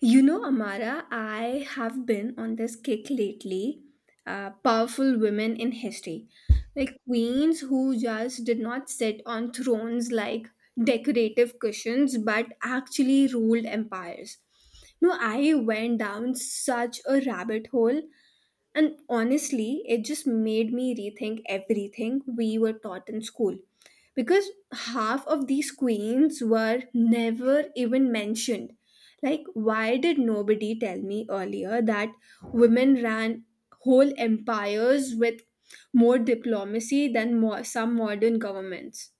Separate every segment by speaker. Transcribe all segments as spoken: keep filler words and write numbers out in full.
Speaker 1: You know, Amara, I have been on this kick lately. Uh, powerful women in history, like queens who just did not sit on thrones like decorative cushions, but actually ruled empires. No, I went down such a rabbit hole, and honestly, it just made me rethink everything we were taught in school because half of these queens were never even mentioned. Like, why did nobody tell me earlier that women ran whole empires with more diplomacy than more, some modern governments?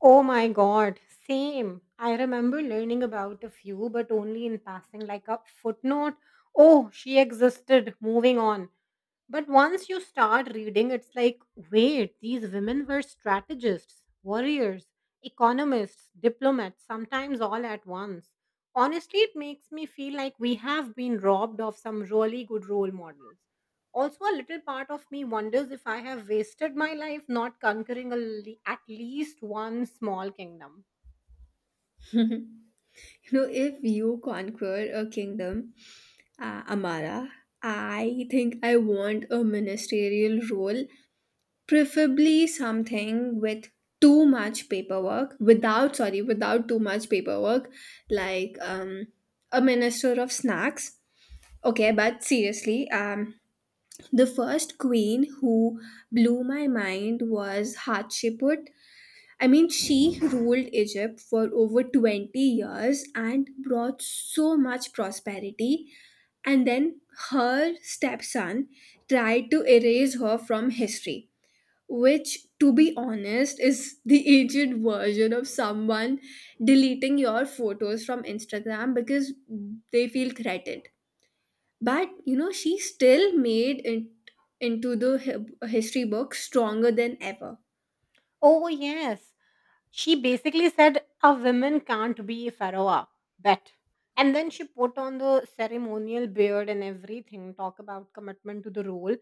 Speaker 2: Oh my god, same. I remember learning about a few, but only in passing, like a footnote. Oh, she existed. Moving on. But once you start reading, it's like, wait, these women were strategists, warriors, economists, diplomats, sometimes all at once. Honestly, it makes me feel like we have been robbed of some really good role models. Also, a little part of me wonders if I have wasted my life not conquering a, le- at least one small kingdom.
Speaker 1: You know, if you conquer a kingdom, uh, Amara, I think I want a ministerial role, preferably something with too much paperwork without, sorry, without too much paperwork, like, um, a minister of snacks. Okay, but seriously, um, the first queen who blew my mind was Hatshepsut. I mean, she ruled Egypt for over 20 years and brought so much prosperity. And then her stepson tried to erase her from history, which, to be honest, is the aged version of someone deleting your photos from Instagram because they feel threatened. But you know, she still made it into the hi- history book stronger than ever.
Speaker 2: Oh, yes. She basically said a woman can't be pharaoh, bet. And then she put on the ceremonial beard and everything. Talk about commitment to the role.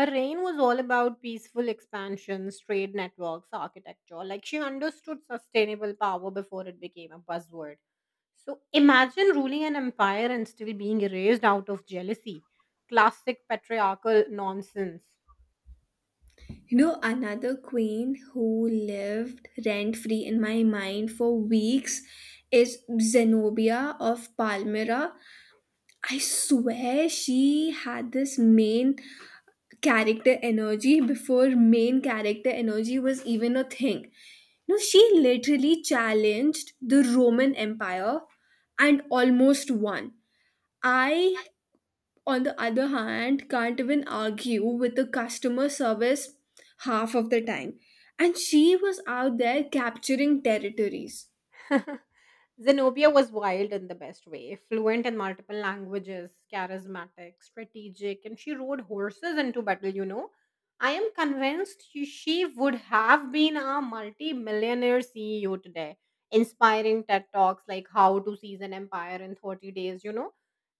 Speaker 2: Her reign was all about peaceful expansions, trade networks, architecture. Like, she understood sustainable power before it became a buzzword. So imagine ruling an empire and still being erased out of jealousy. Classic patriarchal nonsense.
Speaker 1: You know, another queen who lived rent free in my mind for weeks is Zenobia of Palmyra. I swear she had this mane. Character energy before main character energy was even a thing. No, she literally challenged the Roman Empire and almost won. I, on the other hand, can't even argue with the customer service half of the time. And she was out there capturing territories.
Speaker 2: Zenobia was wild in the best way, fluent in multiple languages, charismatic, strategic, and she rode horses into battle, you know. I am convinced she she would have been a multi millionaire C E O today, inspiring TED Talks like How to Seize an Empire in thirty Days, you know.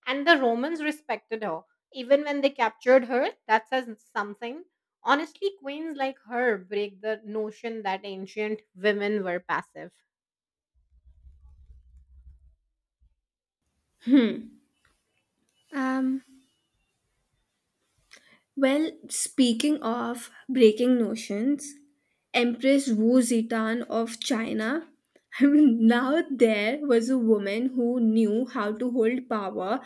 Speaker 2: And the Romans respected her. Even when they captured her, that says something. Honestly, queens like her break the notion that ancient women were passive.
Speaker 1: Um, Well, speaking of breaking notions, Empress Wu Zetian of China, I mean, now there was a woman who knew how to hold power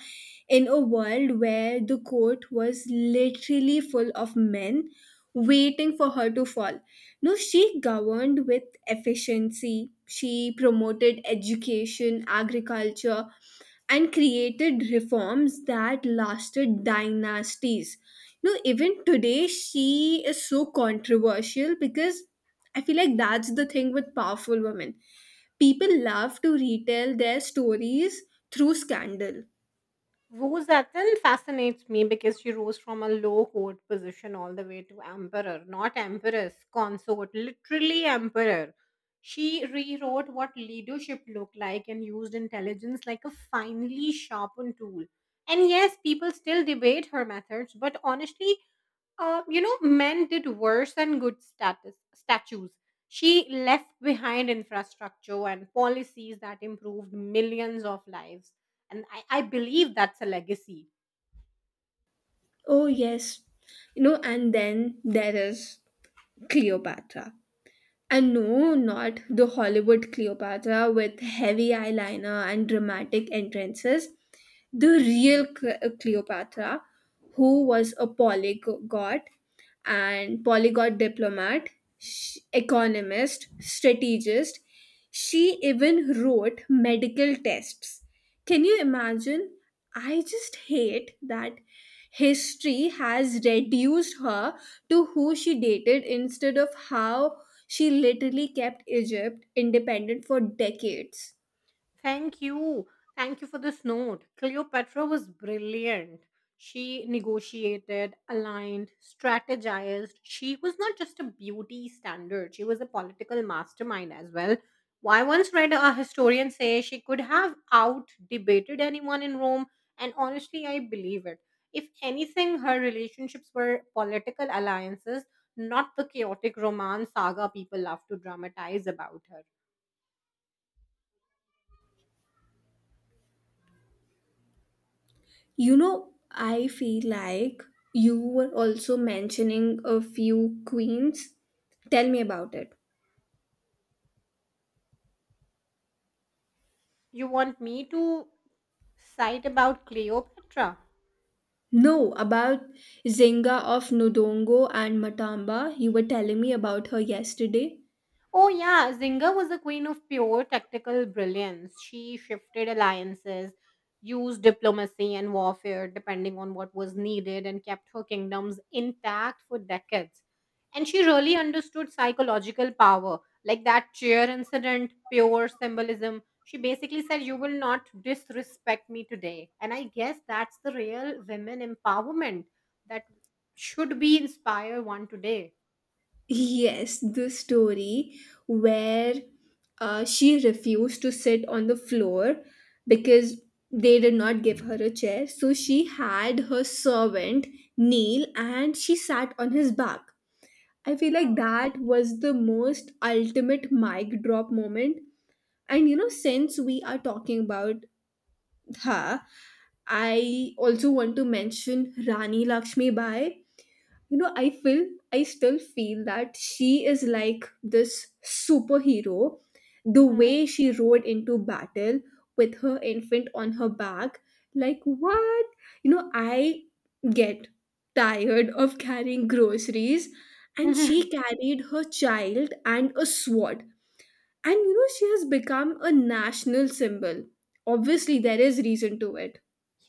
Speaker 1: in a world where the court was literally full of men waiting for her to fall. No, she governed with efficiency. She promoted education, agriculture, and created reforms that lasted dynasties. You know, even today, she is so controversial because I feel like that's the thing with powerful women. People love to retell their stories through scandal.
Speaker 2: Rose Atten fascinates me because she rose from a low court position all the way to emperor, not empress, consort, literally emperor. She rewrote what leadership looked like and used intelligence like a finely sharpened tool. And yes, people still debate her methods, but honestly, uh, you know, men did worse than good status statues. She left behind infrastructure and policies that improved millions of lives. And I, I believe that's a legacy.
Speaker 1: Oh, yes. You know, and then there is Cleopatra. And no, not the Hollywood Cleopatra with heavy eyeliner and dramatic entrances. The real Cle- uh, Cleopatra, who was a polygot and polygot diplomat, sh- economist, strategist, she even wrote medical tests. Can you imagine? I just hate that history has reduced her to who she dated instead of how she literally kept Egypt independent for decades.
Speaker 2: Thank you. Thank you for this note. Cleopatra was brilliant. She negotiated, aligned, strategized. She was not just a beauty standard, she was a political mastermind as well. I once read a historian say she could have out debated anyone in Rome, and honestly, I believe it. If anything, her relationships were political alliances, not the chaotic romance saga people love to dramatize about her.
Speaker 1: You know, I feel like you were also mentioning a few queens. Tell me about it.
Speaker 2: You want me to cite about Cleopatra?
Speaker 1: No, about Zinga of Nodongo and Matamba. You were telling me about her yesterday.
Speaker 2: Oh, yeah, Zynga was the queen of pure tactical brilliance. She shifted alliances, used diplomacy and warfare depending on what was needed, and kept her kingdoms intact for decades. And she really understood psychological power, like that chair incident, pure symbolism. She basically said, "You will not disrespect me today." And I guess that's the real women empowerment that should be inspire one today.
Speaker 1: Yes, the story where uh, she refused to sit on the floor because they did not give her a chair. So she had her servant kneel and she sat on his back. I feel like that was the most ultimate mic drop moment. And you know, since we are talking about her, I also want to mention Rani Lakshmi Bai. You know, i feel i still feel that she is like this superhero, the
Speaker 2: Hmm.
Speaker 1: way she rode into battle with her infant on her back. Like, what? You know, I get tired of carrying groceries, and she carried her child and a sword. And you know, she has become a national symbol. Obviously, there is reason to it.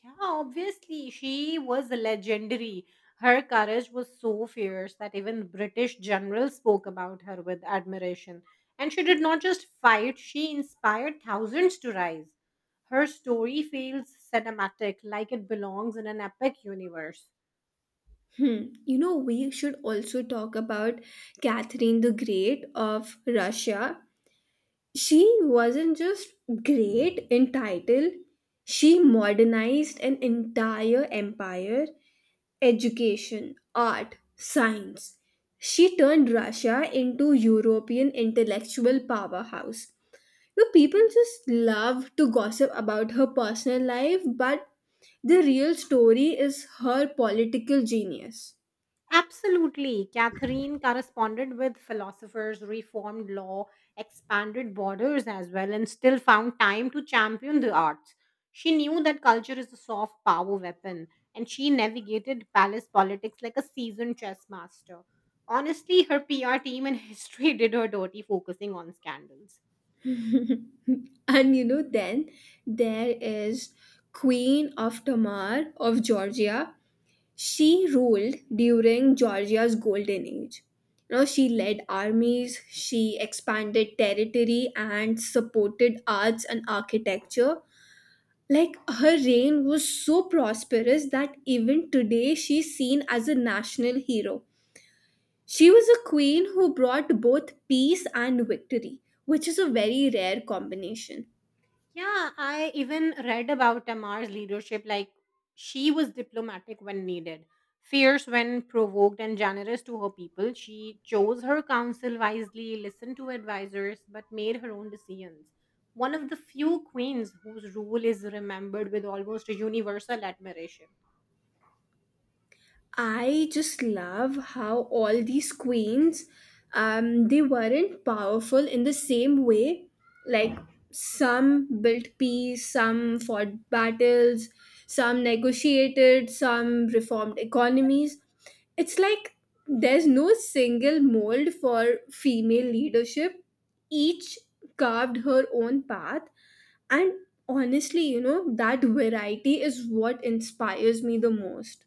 Speaker 2: Yeah, obviously, she was legendary. Her courage was so fierce that even British generals spoke about her with admiration. And she did not just fight, she inspired thousands to rise. Her story feels cinematic, like it belongs in an epic universe.
Speaker 1: Hmm. You know, we should also talk about Catherine the Great of Russia. She wasn't just great in title, she modernized an entire empire: education, art, science. She turned Russia into European intellectual powerhouse. You know, people just love to gossip about her personal life, but the real story is her political genius.
Speaker 2: Absolutely. Catherine corresponded with philosophers, reformed law, expanded borders as well, and still found time to champion the arts. She knew that culture is a soft power weapon, and she navigated palace politics like a seasoned chess master. Honestly, her P R team and history did her dirty focusing on scandals.
Speaker 1: And you know, then there is Queen of Tamar of Georgia. She ruled during Georgia's golden age. You know, she led armies, she expanded territory, and supported arts and architecture. Like, her reign was so prosperous that even today she's seen as a national hero. She was a queen who brought both peace and victory, which is a very rare combination.
Speaker 2: Yeah, I even read about Amar's leadership. Like, she was diplomatic when needed, fierce when provoked, and generous to her people. She chose her council wisely, listened to advisors, but made her own decisions. One of the few queens whose rule is remembered with almost a universal admiration.
Speaker 1: I just love how all these queens, um, they weren't powerful in the same way. Like, some built peace, some fought battles, some negotiated, some reformed economies. It's like there's no single mold for female leadership. Each carved her own path, and honestly, you know, that variety is what inspires me the most.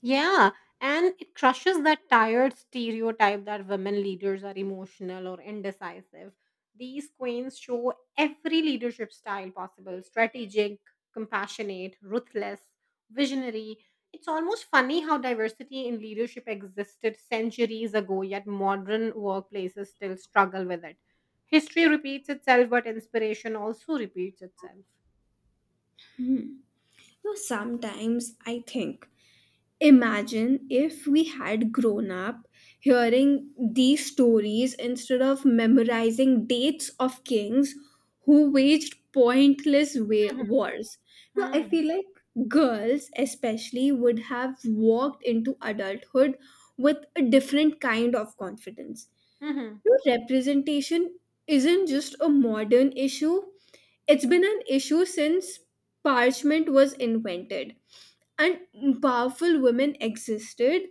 Speaker 2: Yeah, and it crushes that tired stereotype that women leaders are emotional or indecisive. These queens show every leadership style possible: strategic, compassionate, ruthless, visionary. It's almost funny how diversity in leadership existed centuries ago, yet modern workplaces still struggle with it. History repeats itself, but inspiration also repeats itself.
Speaker 1: Hmm. So sometimes I think, imagine if we had grown up hearing these stories instead of memorizing dates of kings who waged pointless wa- wars. No, I
Speaker 2: Mhm.
Speaker 1: feel like girls, especially, would have walked into adulthood with a different kind of confidence.
Speaker 2: Mhm.
Speaker 1: No, representation isn't just a modern issue, it's been an issue since parchment was invented, and powerful women existed,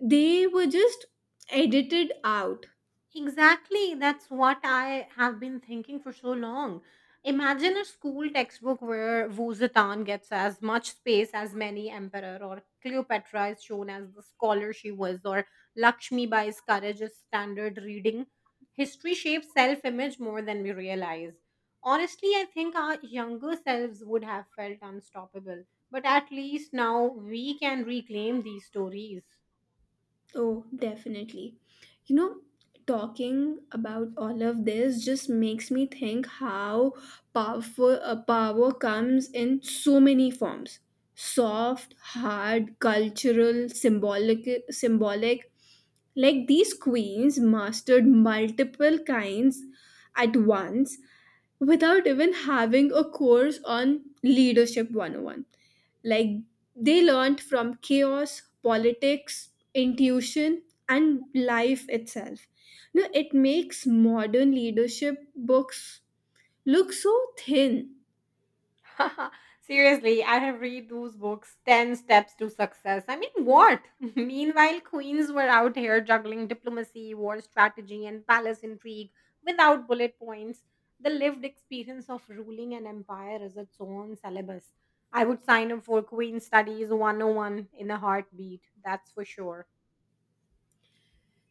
Speaker 1: they were just edited out.
Speaker 2: Exactly. That's what I have been thinking for so long. Imagine a school textbook where Vuzetan gets as much space as many emperor, or Cleopatra is shown as the scholar she was, or Lakshmi Bai's courage is standard reading. History shapes self-image more than we realize. Honestly, I think our younger selves would have felt unstoppable, but at least now we can reclaim these stories.
Speaker 1: Oh, definitely. You know, talking about all of this just makes me think how powerful uh, power comes in so many forms: soft, hard, cultural, symbolic symbolic. Like, these queens mastered multiple kinds at once without even having a course on leadership one oh one. Like, they learned from chaos, politics, intuition, and life itself. Now it makes modern leadership books look so thin.
Speaker 2: Seriously, I have read those books, ten Steps to Success. I mean, what? Meanwhile, queens were out here juggling diplomacy, war strategy, and palace intrigue without bullet points. The lived experience of ruling an empire is its own syllabus. I would sign up for Queen Studies one oh one in a heartbeat, that's for sure.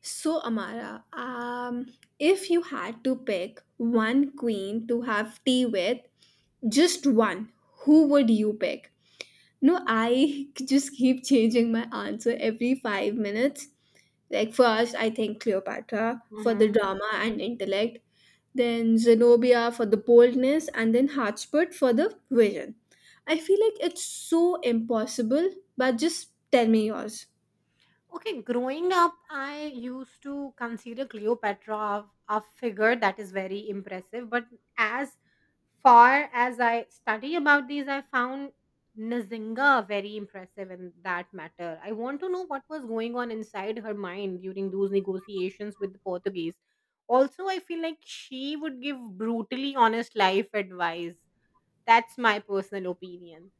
Speaker 1: So, Amara, um if you had to pick one queen to have tea with, just one, who would you pick? No, I just keep changing my answer every five minutes. Like, first, I think Cleopatra for the
Speaker 2: Mm-hmm.
Speaker 1: drama and intellect, then Zenobia for the boldness, and then Hotspur for the vision. I feel like it's so impossible, but just tell me yours.
Speaker 2: Okay, growing up, I used to consider Cleopatra a, a figure that is very impressive. But as far as I study about these, I found Nzinga very impressive in that matter. I want to know what was going on inside her mind during those negotiations with the Portuguese. Also, I feel like she would give brutally honest life advice. That's my personal opinion.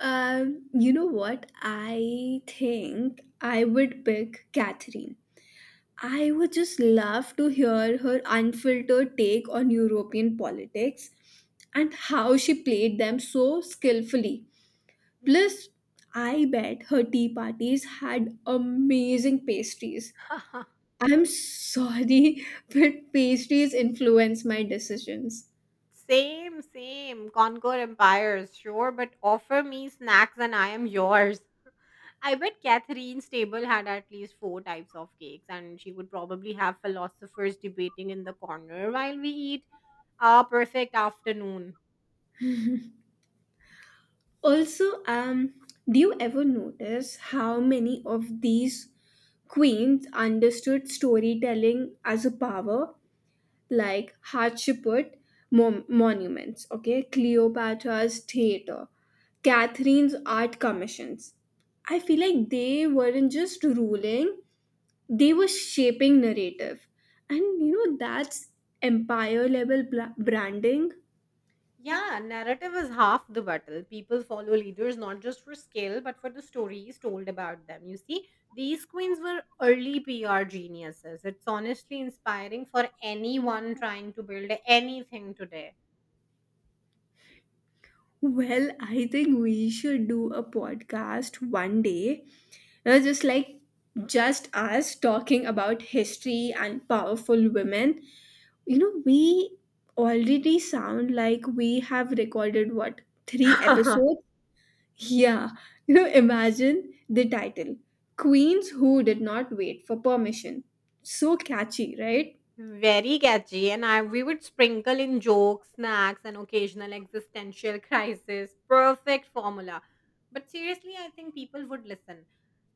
Speaker 1: Um, you know what? I think I would pick Catherine. I would just love to hear her unfiltered take on European politics and how she played them so skillfully. Plus, I bet her tea parties had amazing pastries. I'm sorry, but pastries influence my decisions.
Speaker 2: Same, same. Conquer empires, sure, but offer me snacks and I am yours. I bet Catherine's table had at least four types of cakes, and she would probably have philosophers debating in the corner while we eat our perfect afternoon.
Speaker 1: Also, um, do you ever notice how many of these queens understood storytelling as a power, like Hatshepsut mon- monuments, okay, Cleopatra's theater, Catherine's art commissions. I feel like they weren't just ruling, they were shaping narrative. And you know, that's empire level bla- branding.
Speaker 2: Yeah, narrative is half the battle. People follow leaders not just for skill, but for the stories told about them. You see, these queens were early P R geniuses. It's honestly inspiring for anyone trying to build anything today.
Speaker 1: Well, I think we should do a podcast one day. It was just like just us talking about history and powerful women. You know, we already sound like we have recorded, what, three episodes? Yeah. You know, imagine the title: Queens Who Did Not Wait for Permission. So catchy, right?
Speaker 2: Very catchy, and I we would sprinkle in jokes, snacks, and occasional existential crisis. Perfect formula. But seriously, I think people would listen.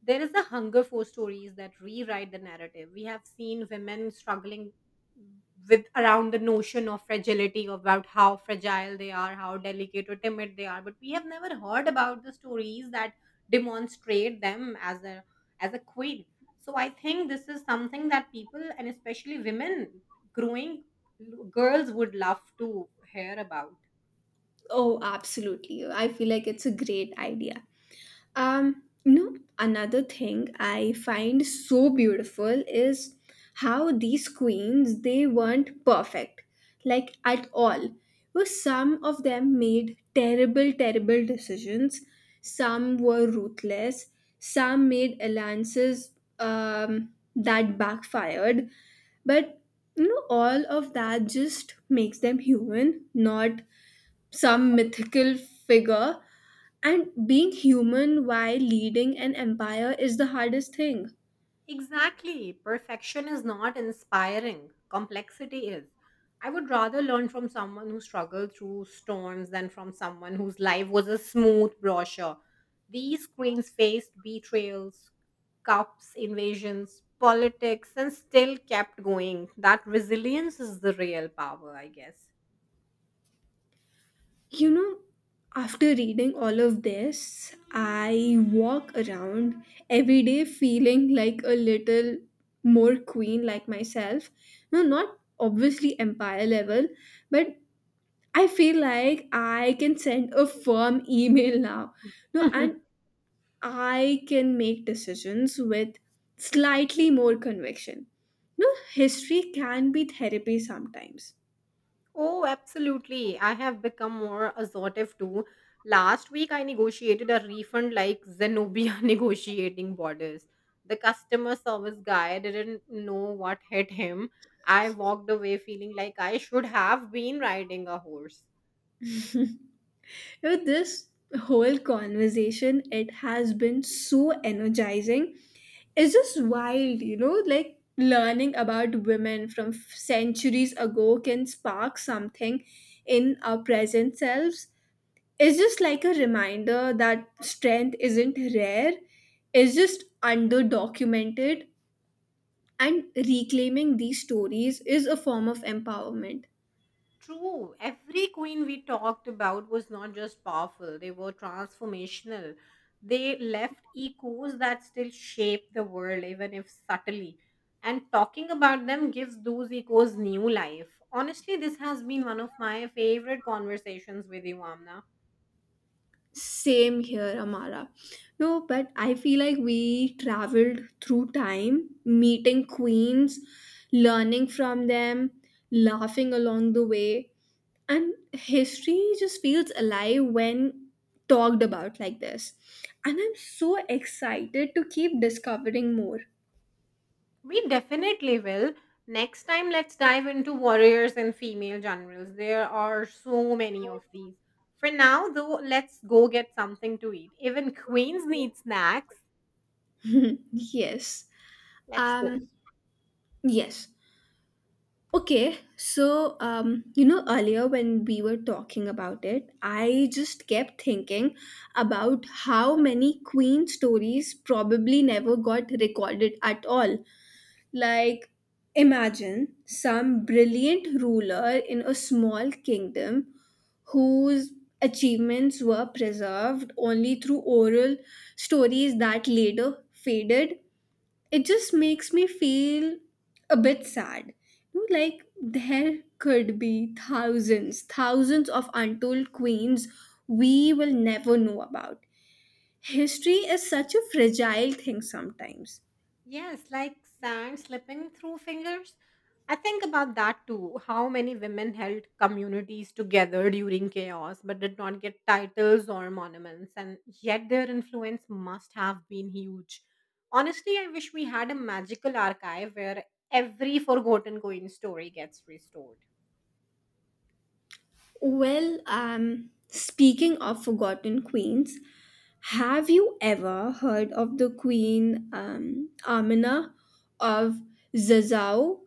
Speaker 2: There is a hunger for stories that rewrite the narrative. We have seen women struggling with around the notion of fragility, about how fragile they are, how delicate or timid they are, but we have never heard about the stories that demonstrate them as a as a queen. So I think this is something that people and especially women growing girls would love to hear about.
Speaker 1: Oh, absolutely. I feel like it's a great idea. Um, you know, another thing I find so beautiful is how these queens, they weren't perfect, like at all. Well, some of them made terrible, terrible decisions. Some were ruthless. Some made alliances um, that backfired. But you know, all of that just makes them human, not some mythical figure. And being human while leading an empire is the hardest thing.
Speaker 2: Exactly. Perfection is not inspiring. Complexity is. I would rather learn from someone who struggled through storms than from someone whose life was a smooth brochure. These queens faced betrayals, cups, invasions, politics, and still kept going. That resilience is the real power, I guess.
Speaker 1: You know, after reading all of this, I walk around every day feeling like a little more queen like myself. No, not obviously empire level, but I feel like I can send a firm email now. No. And I can make decisions with slightly more conviction. You know, history can be therapy sometimes.
Speaker 2: Oh, absolutely. I have become more assertive too. Last week, I negotiated a refund like Zenobia negotiating borders. The customer service guy didn't know what hit him. I walked away feeling like I should have been riding a horse.
Speaker 1: You know, this whole conversation, it has been so energizing. It's just wild, you know, like learning about women from f- centuries ago can spark something in our present selves. It's just like a reminder that strength isn't rare, it's just under documented. And reclaiming these stories is a form of empowerment.
Speaker 2: True. Every queen we talked about was not just powerful, they were transformational. They left echoes that still shape the world, even if subtly. And talking about them gives those echoes new life. Honestly, this has been one of my favorite conversations with you, Amna.
Speaker 1: Same here, Amara. No, but I feel like we traveled through time, meeting queens, learning from them, laughing along the way. And history just feels alive when talked about like this. And I'm so excited to keep discovering more.
Speaker 2: We definitely will. Next time, let's dive into warriors and female generals. There are so many of these. For now, though, let's go get something to eat. Even queens need snacks.
Speaker 1: Yes.
Speaker 2: Let's go.
Speaker 1: Um, yes. Okay, so um, you know, earlier when we were talking about it, I just kept thinking about how many Queen stories probably never got recorded at all. Like, imagine some brilliant ruler in a small kingdom whose achievements were preserved only through oral stories that later faded. It just makes me feel a bit sad. You know, like there could be thousands, thousands of untold queens we will never know about. History is such a fragile thing sometimes.
Speaker 2: Yes, like sand slipping through fingers. I think about that too. How many women held communities together during chaos but did not get titles or monuments, and yet their influence must have been huge. Honestly, I wish we had a magical archive where every forgotten queen story gets restored.
Speaker 1: Well, um, speaking of forgotten queens, have you ever heard of the queen, um, Amina of Zazao?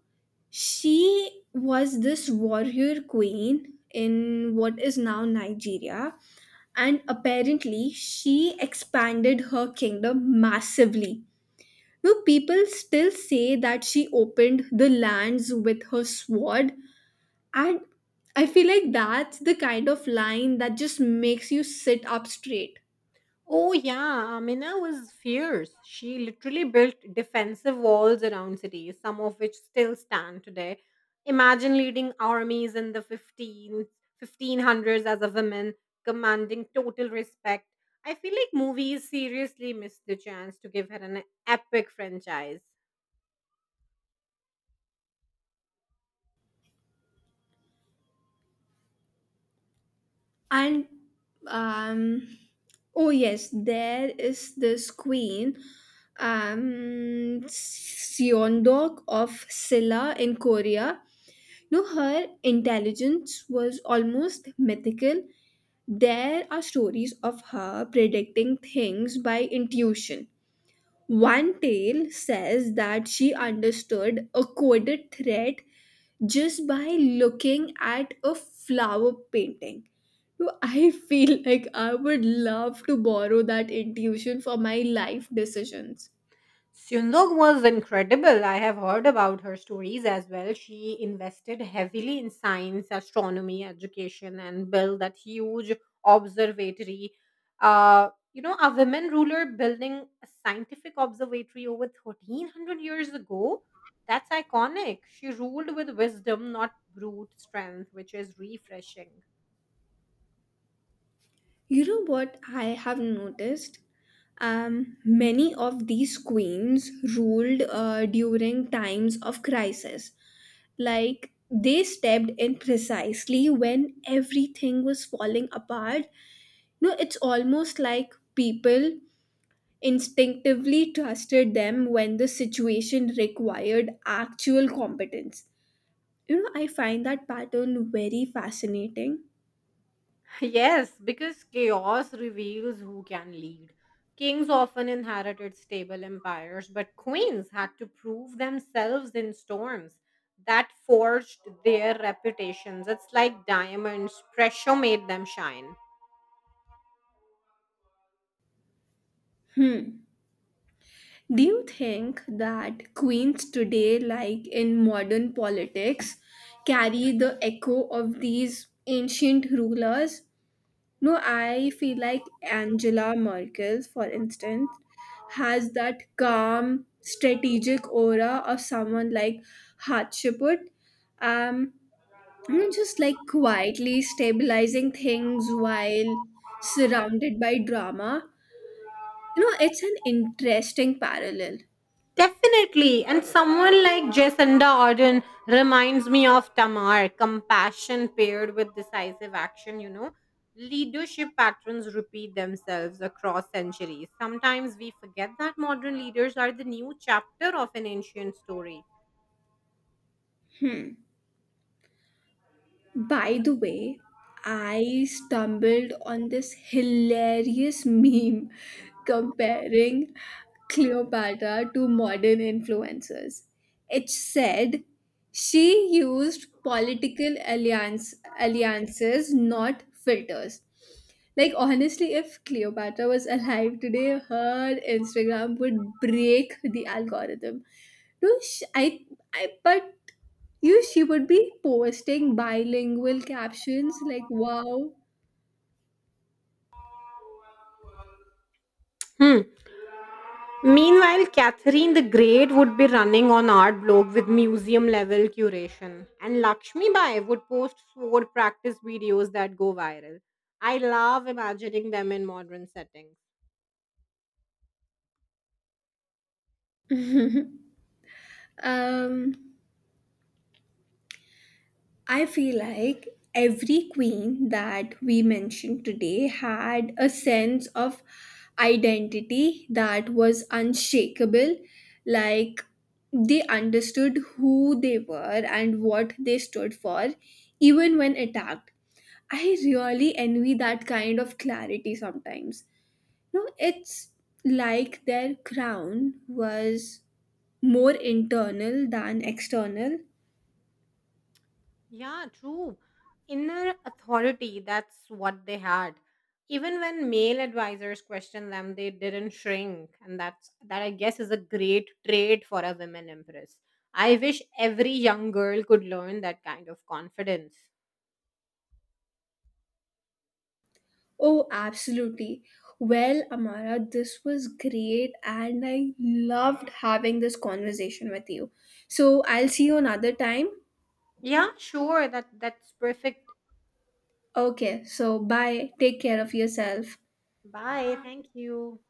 Speaker 1: She was this warrior queen in what is now Nigeria, and apparently she expanded her kingdom massively. Now, people still say that she opened the lands with her sword, and I feel like that's the kind of line that just makes you sit up straight.
Speaker 2: Oh yeah, Amina was fierce. She literally built defensive walls around cities, some of which still stand today. Imagine leading armies in the fifteen fifteen hundreds as a woman, commanding total respect. I feel like movies seriously missed the chance to give her an epic franchise.
Speaker 1: And um oh yes, there is this queen, um Seondok of Silla in Korea. You know, her intelligence was almost mythical. There are stories of her predicting things by intuition. One tale says that she understood a coded threat just by looking at a flower painting. So I feel like I would love to borrow that intuition for my life decisions.
Speaker 2: Syunzog was incredible. I have heard about her stories as well. She invested heavily in science, astronomy, education, and built that huge observatory. Uh, you know, a women ruler building a scientific observatory over thirteen hundred years ago. That's iconic. She ruled with wisdom, not brute strength, which is refreshing.
Speaker 1: You know what I have noticed? Um, many of these queens ruled uh, during times of crisis. Like, they stepped in precisely when everything was falling apart. No, it's almost like people instinctively trusted them when the situation required actual competence. You know, I find that pattern very fascinating.
Speaker 2: Yes, because chaos reveals who can lead. Kings often inherited stable empires, but queens had to prove themselves in storms. That forged their reputations. It's like diamonds, pressure made them shine.
Speaker 1: Hmm. Do you think that queens today, like in modern politics, carry the echo of these ancient rulers? No, I feel like Angela Merkel, for instance, has that calm, strategic aura of someone like Hatshepsut. Um, I'm just like quietly stabilizing things while surrounded by drama. You know, it's an interesting parallel.
Speaker 2: Definitely. And someone like Jacinda Ardern reminds me of Tamar, compassion paired with decisive action, you know. Leadership patterns repeat themselves across centuries. Sometimes we forget that modern leaders are the new chapter of an ancient story.
Speaker 1: Hmm. By the way, I stumbled on this hilarious meme comparing Cleopatra to modern influencers. It said she used political alliance, alliances, not filters. Like, honestly, if Cleopatra was alive today, her Instagram would break the algorithm. No, sh I, I, but you, she would be posting bilingual captions like, wow.
Speaker 2: Hmm. Meanwhile, Catherine the Great would be running on art blog with museum level curation, and Lakshmi Bai would post sword practice videos that go viral. I love imagining them in modern settings.
Speaker 1: Um, I feel like every queen that we mentioned today had a sense of identity that was unshakable, like they understood who they were and what they stood for, even when attacked. I really envy that kind of clarity sometimes. No, it's like their crown was more internal than external.
Speaker 2: Yeah, true. Inner authority, that's what they had. Even when male advisors questioned them, they didn't shrink, and that's that I guess is a great trait for a women empress. I wish every young girl could learn that kind of confidence.
Speaker 1: Oh, absolutely. Well, Amara, this was great, and I loved having this conversation with you. So, I'll see you another time.
Speaker 2: Yeah, sure. That that's perfect.
Speaker 1: Okay, so bye. Take care of yourself.
Speaker 2: Bye. Thank you.